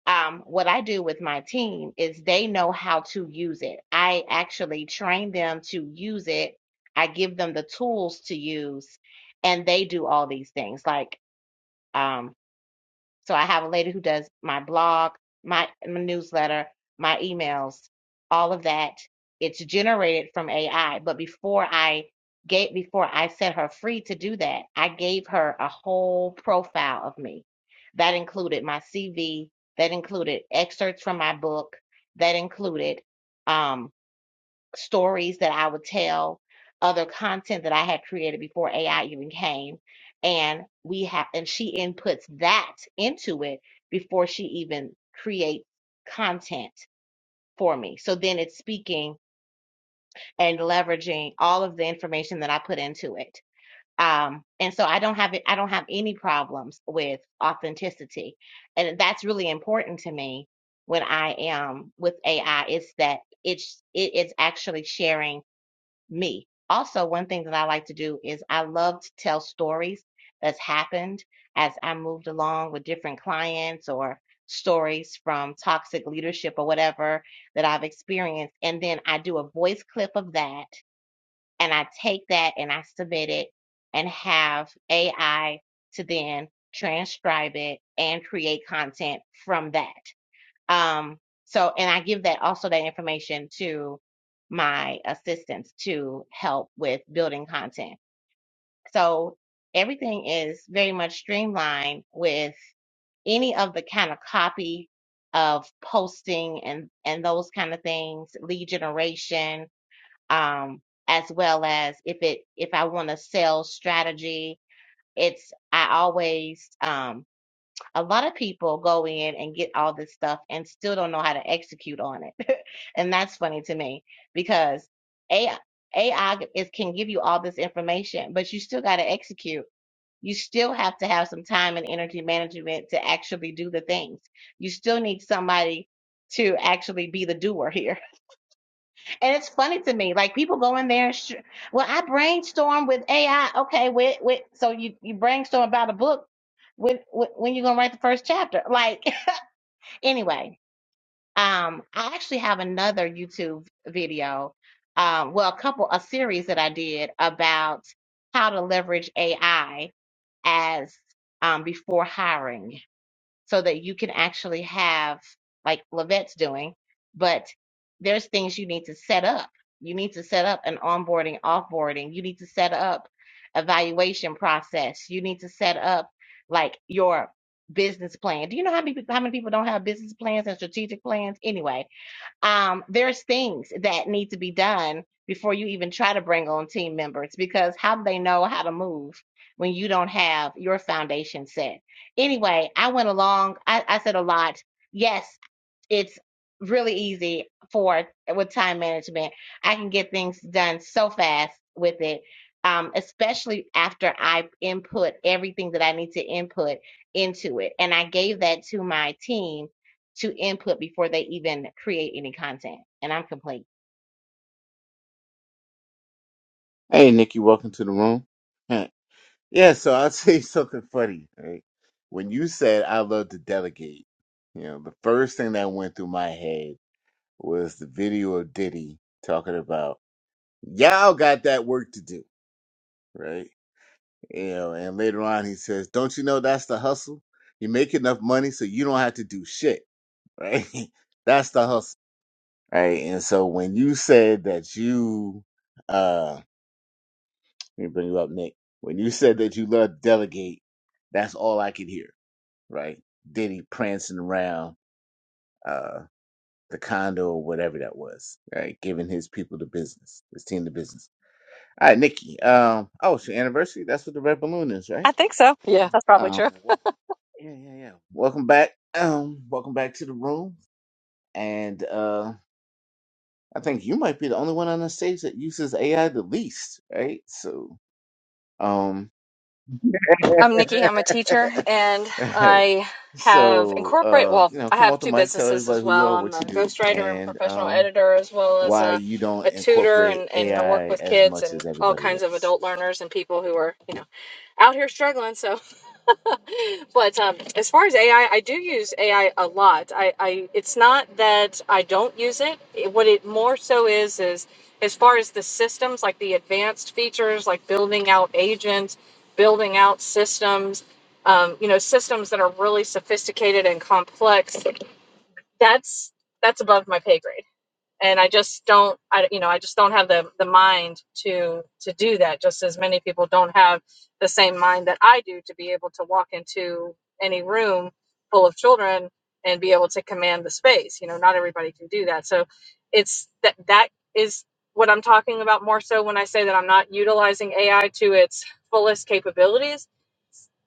Speaker 4: um, what I do with my team is they know how to use it. I actually train them to use it, I give them the tools to use, and they do all these things. Like, um, so I have a lady who does my blog, my, my newsletter, my emails, all of that. It's generated from AI. But before I gave, before I set her free to do that, I gave her a whole profile of me. That included my CV. That included excerpts from my book. That included, um, stories that I would tell, other content that I had created before AI even came. And we have, and she inputs that into it before she even creates content for me. So then it's speaking and leveraging all of the information that I put into it. Um, and so I don't have it, I don't have any problems with authenticity. And that's really important to me when I am with AI. It's that it's, it, it's actually sharing me. Also, one thing that I like to do is I love to tell stories that's happened as I moved along with different clients or stories from toxic leadership or whatever that I've experienced. And then I do a voice clip of that and I take that and I submit it and have AI to then transcribe it and create content from that. Um, so, and I give that also that information to my assistants to help with building content. So everything is very much streamlined with any of the kind of copy of posting and, and those kind of things, lead generation, um, as well as if it, if I want to sell strategy, it's, I always, um, a lot of people go in and get all this stuff and still don't know how to execute on it. and that's funny to me because AI, AI is, can give you all this information, but you still got to execute. You still have to have some time and energy management to actually do the things. You still need somebody to actually be the doer here. And it's funny to me, like people go in there. And sh- well, I brainstorm with AI. Okay, with with so you you brainstorm about a book when when, when you gonna write the first chapter? Like anyway, um, I actually have another YouTube video, um, well, a couple, a series that I did about how to leverage AI as um, before hiring so that you can actually have like Lavette's doing, but there's things you need to set up. You need to set up an onboarding, offboarding. You need to set up evaluation process. You need to set up like your business plan. Do you know how many how many people don't have business plans and strategic plans anyway? um, there's things that need to be done before you even try to bring on team members because how do they know how to move when you don't have your foundation set? Anyway, I went along, I, I said a lot. Yes, it's really easy for with time management. I can get things done so fast with it. Um, especially after I input everything that I need to input into it. And I gave that to my team to input before they even create any content. And I'm complete.
Speaker 1: Hey, Nikki, welcome to the room. Huh. Yeah, so I'll say something funny, right? When you said I love to delegate, you know, the first thing that went through my head was the video of Diddy talking about, y'all got that work to do, right? You know, and later on he says, don't you know that's the hustle? You make enough money so you don't have to do shit, right? that's the hustle, right? And so when you said that you, uh, Let me bring you up, Nick. When you said that you love delegate, that's all I could hear, right? Diddy prancing around uh, the condo or whatever that was, right? Giving his people the business, his team the business. All right, Nikki. Um, oh, it's your anniversary. That's what the red balloon is, right?
Speaker 6: I think so. Yeah, that's probably true.
Speaker 1: Um, wel- yeah, yeah, yeah. Welcome back. Um, welcome back to the room. And uh, I think you might be the only one on the stage that uses AI the least, right? So, um,
Speaker 6: I'm Nikki. I'm a teacher, and
Speaker 1: Hey,
Speaker 6: I have
Speaker 1: so
Speaker 6: incorporate.
Speaker 1: uh,
Speaker 6: Well,
Speaker 1: you know,
Speaker 6: I
Speaker 1: come off
Speaker 6: have
Speaker 1: the
Speaker 6: two
Speaker 1: mic, tell
Speaker 6: businesses
Speaker 1: everybody
Speaker 6: as
Speaker 1: who you
Speaker 6: well.
Speaker 1: are,
Speaker 6: I'm
Speaker 1: what
Speaker 6: a
Speaker 1: you do,
Speaker 6: ghostwriter and
Speaker 1: and
Speaker 6: professional
Speaker 1: um,
Speaker 6: editor, as well as
Speaker 1: why
Speaker 6: a,
Speaker 1: you don't
Speaker 6: a tutor,
Speaker 1: incorporate
Speaker 6: and and I work
Speaker 1: AI
Speaker 6: with
Speaker 1: as
Speaker 6: kids
Speaker 1: much
Speaker 6: and
Speaker 1: as
Speaker 6: all
Speaker 1: everybody
Speaker 6: kinds of
Speaker 1: else.
Speaker 6: adult learners and people who are you know out here struggling. So, but um, as far as AI, I I do use AI a lot. I, I it's not that I don't use it. It- What it more so is is as far as the systems, like the advanced features, like building out agents building out systems, um, you know, systems that are really sophisticated and complex. That's that's above my pay grade, and I just don't, I you know, I just don't have the the mind to to do that. Just as many people don't have the same mind that I do to be able to walk into any room full of children and be able to command the space. You know, not everybody can do that. So it's that that is what I'm talking about more so when I say that I'm not utilizing AI to its fullest capabilities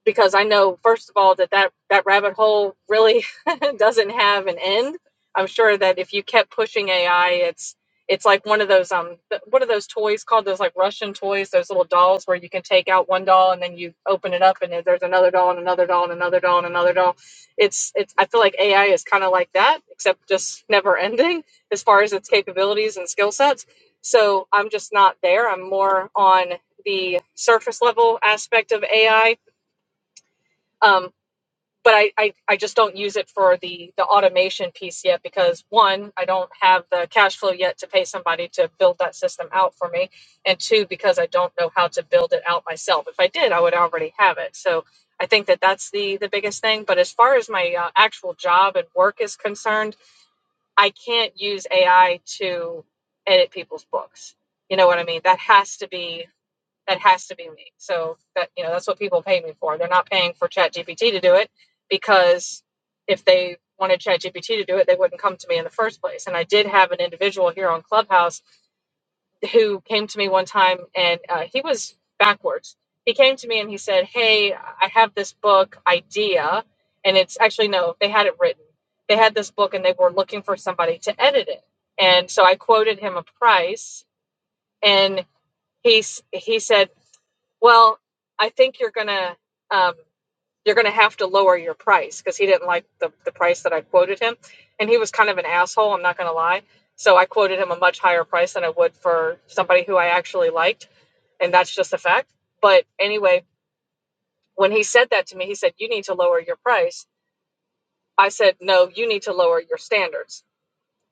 Speaker 6: because I know first of all that that, that rabbit hole really doesn't have an end. I'm sure that if you kept pushing AI, it's it's like one of those um what are those toys called? Those like Russian toys, those little dolls where you can take out one doll and then you open it up and then there's another doll and another doll and another doll and another doll. It's it's I feel like AI is kind of like that, except just never ending as far as its capabilities and skill sets. So I'm just not there. I'm more on the surface level aspect of AI Um but I, I I just don't use it for the the automation piece yet because one I don't have the cash flow yet to pay somebody to build that system out for me and two because I don't know how to build it out myself if I did I would already have it so I think that that's the the biggest thing but as far as my uh, actual job and work is concerned I can't use AI to edit people's books you know what I mean that has to be that has to be me. So that you know, that's what people pay me for. They're not paying for ChatGPT to do it because if they wanted ChatGPT to do it, they wouldn't come to me in the first place. And I did have an individual here on Clubhouse who came to me one time, and uh, he was backwards. He came to me and he said, "Hey, I have this book idea, and it's actually no, they had it written. They had this book, and they were looking for somebody to edit it. And so I quoted him a price, and he he said." Well, I think you're gonna um, you're gonna have to lower your price because he didn't like the the price that I quoted him, and he was kind of an asshole. I'm not gonna lie. So I quoted him a much higher price than I would for somebody who I actually liked, and that's just a fact. But anyway, when he said that to me, he said, "You need to lower your price." I said, "No, you need to lower your standards."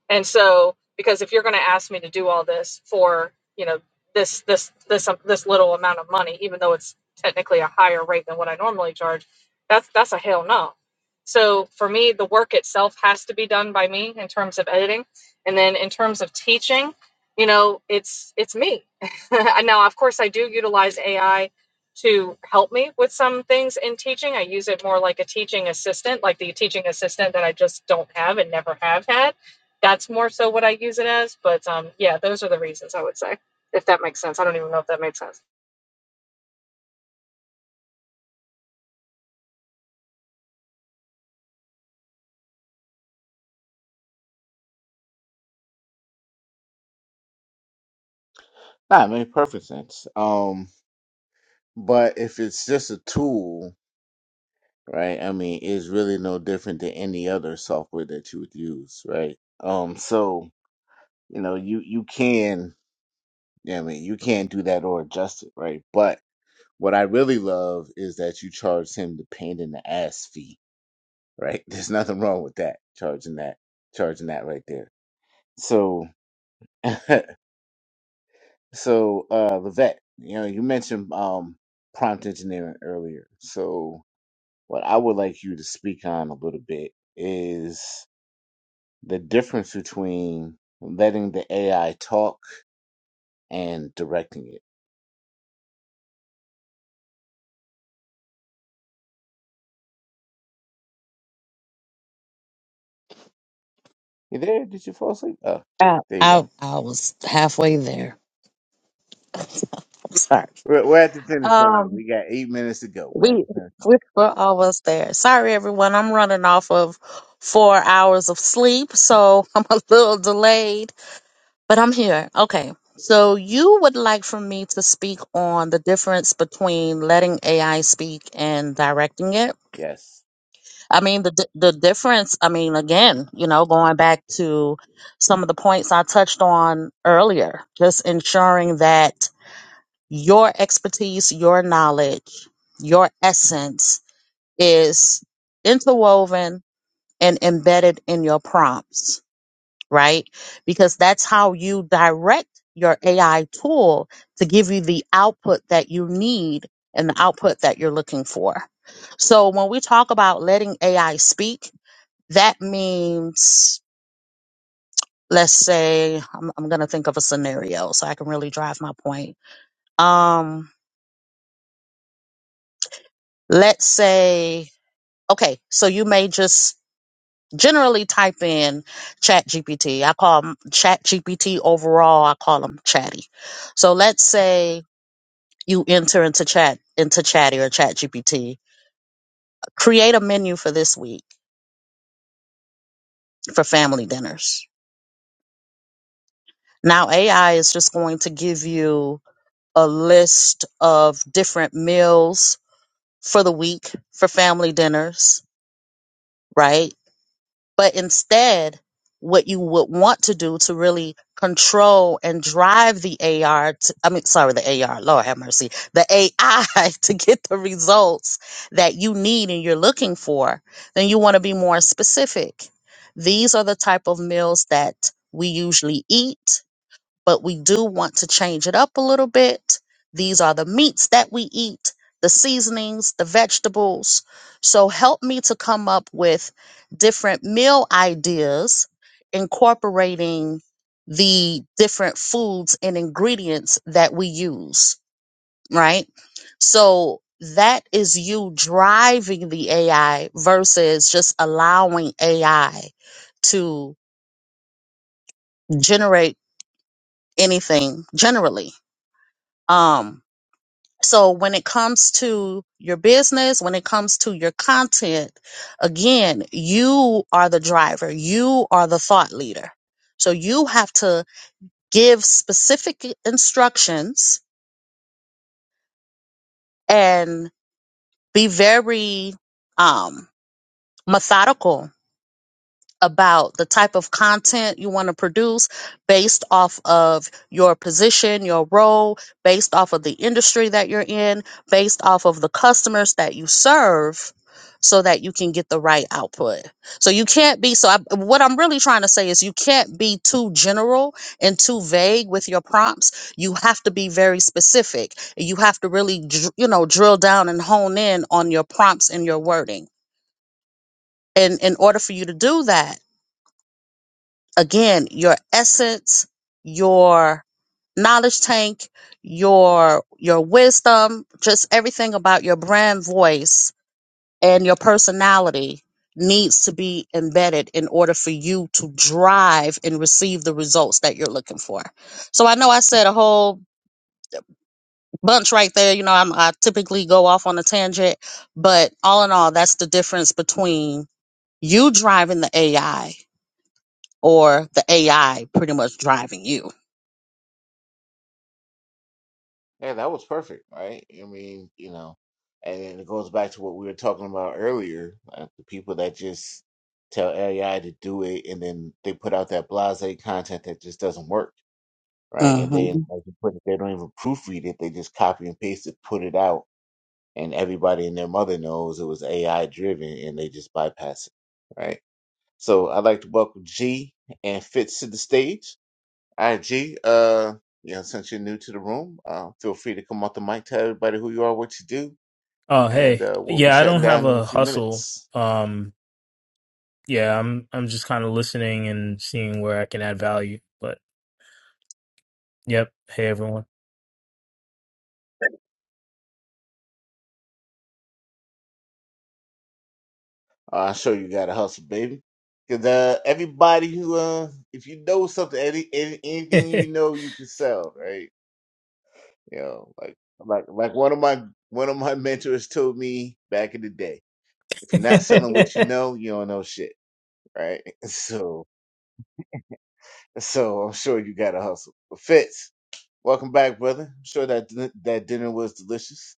Speaker 6: And so, because if you're going to ask me to do all this for, you know, this this this um, this little amount of money, even though it's technically a higher rate than what I normally charge, that's that's a hell no. So for me, the work itself has to be done by me in terms of editing, and then in terms of teaching, you know, it's it's me. And now, of course, I do utilize AI to help me with some things in teaching. I use it more like a teaching assistant, like the teaching assistant that I just don't have and never have had that's more so what I use it as, but um, yeah, those are the reasons I would say, if that makes sense. I don't even know if that made sense.
Speaker 1: Nah, it made perfect sense. Um, but if it's just a tool, right? I mean, it's really no different than any other software that you would use, right? Um, so you know, you you can, yeah, I mean, you can't do that or adjust it, right? But What I really love is that you charge him the pain in the ass fee, right? There's nothing wrong with that. Charging that, charging that right there. So, so uh, Levette, you know, you mentioned um, prompt engineering earlier. So, what I would like you to speak on a little bit is the difference between letting the AI talk and directing it. You there? Did you fall asleep? Oh,
Speaker 2: I,
Speaker 1: there you
Speaker 2: I,
Speaker 1: go.
Speaker 2: I was halfway there. I'm sorry.
Speaker 1: We're, we're at the finish line.
Speaker 2: Um,
Speaker 1: We got eight minutes to go. We're at
Speaker 2: we
Speaker 1: the finish line.
Speaker 2: we were almost there. Sorry, everyone. I'm running off of four hours of sleep, so I'm a little delayed. But I'm here. Okay. So you would like for me to speak on the difference between letting AI speak and directing it?
Speaker 1: Yes.
Speaker 2: I mean, the di- the difference, I mean, again, you know, going back to some of the points I touched on earlier, just ensuring that your expertise, your knowledge, your essence is interwoven and embedded in your prompts right? Because that's how you direct your AI tool to give you the output that you need and the output that you're looking for. So when we talk about letting AI speak, that means, let's say, I'm, I'm going to think of a scenario so I can really drive my point. Um, let's say, okay, so you may just generally type in chat gpt i call them chat gpt overall i call them chatty so let's say you enter into chat into chatty or ChatGPT. create a menu for this week for family dinners now ai is just going to give you a list of different meals for the week for family dinners right But instead, what you would want to do to really control and drive the AR, to, I mean, sorry, the AR, Lord have mercy, the AI to get the results that you need and you're looking for, then you want to be more specific. These are the type of meals that we usually eat but we do want to change it up a little bit. These are the meats that we eat, the seasonings, the vegetables. So help me to come up with different meal ideas incorporating the different foods and ingredients that we use, right? So that is you driving the AI versus just allowing AI to generate anything generally. Um, So when it comes to your business, when it comes to your content, again, you are the driver. You are the thought leader. So you have to give specific instructions and be very um, methodical about the type of content you want to produce based off of your position, your role, based off of the industry that you're in, based off of the customers that you serve so that you can get the right output. So you can't be so I, what I'm really trying to say is you can't be too general and too vague with your prompts. You have to be very specific. You have to really dr- you know drill down and hone in on your prompts and your wording. And in order for you to do that, again, your essence, your knowledge tank, your your wisdom, just everything about your brand voice and your personality needs to be embedded in order for you to drive and receive the results that you're looking for. So I know I said a whole bunch right there, you know, I'm, I typically go off on a tangent, but all in all, that's the difference between you driving the AI or the AI pretty much driving you.
Speaker 1: Yeah, that was perfect, right? I mean, you know, and then it goes back to what we were talking about earlier, uh, the people that just tell AI to do it and then they put out that blasé content that just doesn't work, right? And
Speaker 2: hmm
Speaker 1: then like you put it, they don't even proofread it, they just copy and paste it, put it out, and everybody and their mother knows it was AI driven and they just bypass it, right? So I'd like to welcome G and Fitz to the stage. All right, G. Uh, you know, since you're new to the room, uh, feel free to come off the mic, tell everybody who you are, what you do,
Speaker 7: Oh,
Speaker 1: and
Speaker 7: hey.
Speaker 1: uh, we'll be
Speaker 7: Yeah, I
Speaker 1: shutting
Speaker 7: don't have
Speaker 1: down in a
Speaker 7: a
Speaker 1: few
Speaker 7: hustle.
Speaker 1: minutes.
Speaker 7: Um, yeah, I'm I'm just kind of listening and seeing where I can add value. But yep, hey everyone.
Speaker 1: Uh, I'm sure you got a hustle, baby. Cause uh, everybody who, uh, if you know something, any, any anything you know, you can sell, right? You know, like like like one of my one of my mentors told me back in the day, if you're not selling what you know, you don't know shit, right? So so I'm sure you got a hustle. But Fitz. Welcome back, brother. I'm sure that din- that dinner was delicious.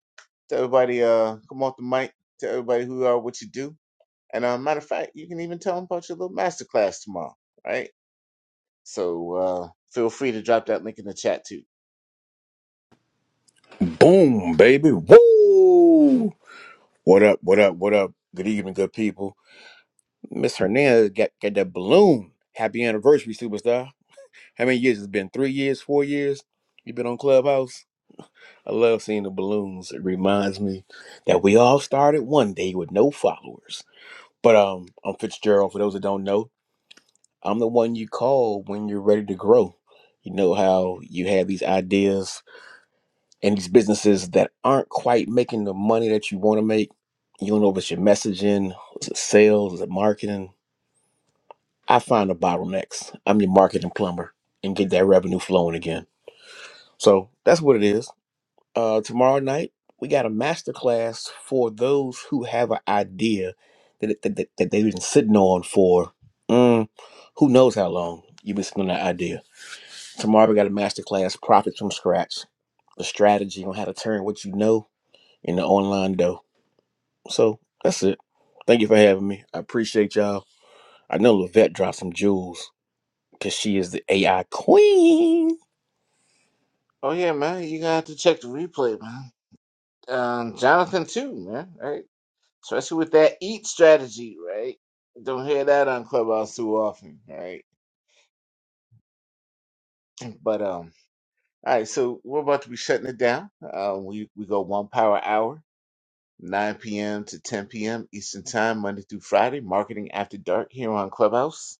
Speaker 1: To everybody, uh, come off the mic. To everybody who you are, what you do, and uh, matter of fact, you can even tell them about your little masterclass tomorrow, right? So uh, feel free to drop that link in the chat too.
Speaker 8: Boom, baby. Woo! What up, what up, what up? Good evening, good people. Miss Hernandez got, got that balloon. Happy anniversary, superstar. How many years? It's been three years, four years. You've been on Clubhouse. I love seeing the balloons. It reminds me that we all started one day with no followers. But um, I'm Fitzgerald. For those that don't know, I'm the one you call when you're ready to grow. You know how you have these ideas and these businesses that aren't quite making the money that you want to make. You don't know if it's your messaging, is it sales, is it marketing? I find the bottlenecks. I'm your marketing plumber and get that revenue flowing again. So that's what it is. Uh, tomorrow night, we got a masterclass for those who have an idea that, that, that, that they've been sitting on for mm, who knows how long you've been sitting on that idea. Tomorrow, we got a masterclass, Profits from Scratch, the strategy on how to turn what you know in the online though. So that's it. Thank you for having me. I appreciate y'all. I know Levette dropped some jewels because she is the AI queen.
Speaker 1: Oh yeah, man, you got to have to check the replay, man. Um, Jonathan too, man, right? Especially with that eat strategy, right? Don't hear that on Clubhouse too often, right? But um, all right, so we're about to be shutting it down. Uh, we we go one power hour 9 p.m. to 10 p.m. Eastern Time, Monday through Friday, Marketing After Dark here on Clubhouse.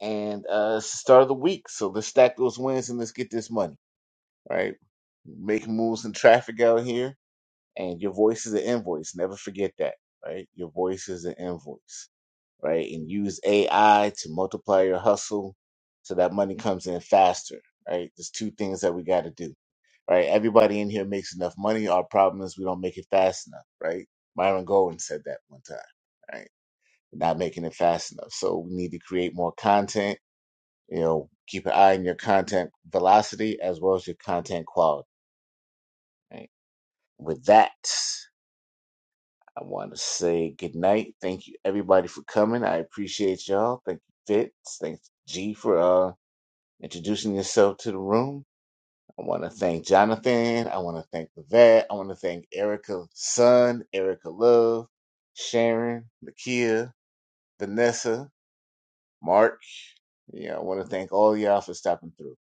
Speaker 1: And uh, it's the start of the week, so let's stack those wins and let's get this money, right? Make moves in traffic out here, and your voice is an invoice. Never forget that, right? Your voice is an invoice, right? And use AI to multiply your hustle so that money comes in faster, right? There's two things that we got to do right? Everybody in here makes enough money. Our problem is we don't make it fast enough, right? Myron Goldwyn said that one time, right? We're not making it fast enough. So we need to create more content, you know, keep an eye on your content velocity as well as your content quality, right? With that, I want to say good night. Thank you everybody for coming. I appreciate y'all. Thank you, Fitz. Thanks, G, for uh, introducing yourself to the room. I want to thank Jonathan. I want to thank the vet. I want to thank Erica's son, Erica Love, Sharon, Nakia, Vanessa, Mark. Yeah, I want to thank all y'all for stopping through.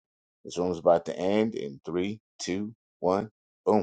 Speaker 1: This room is about to end in three, two, one, boom.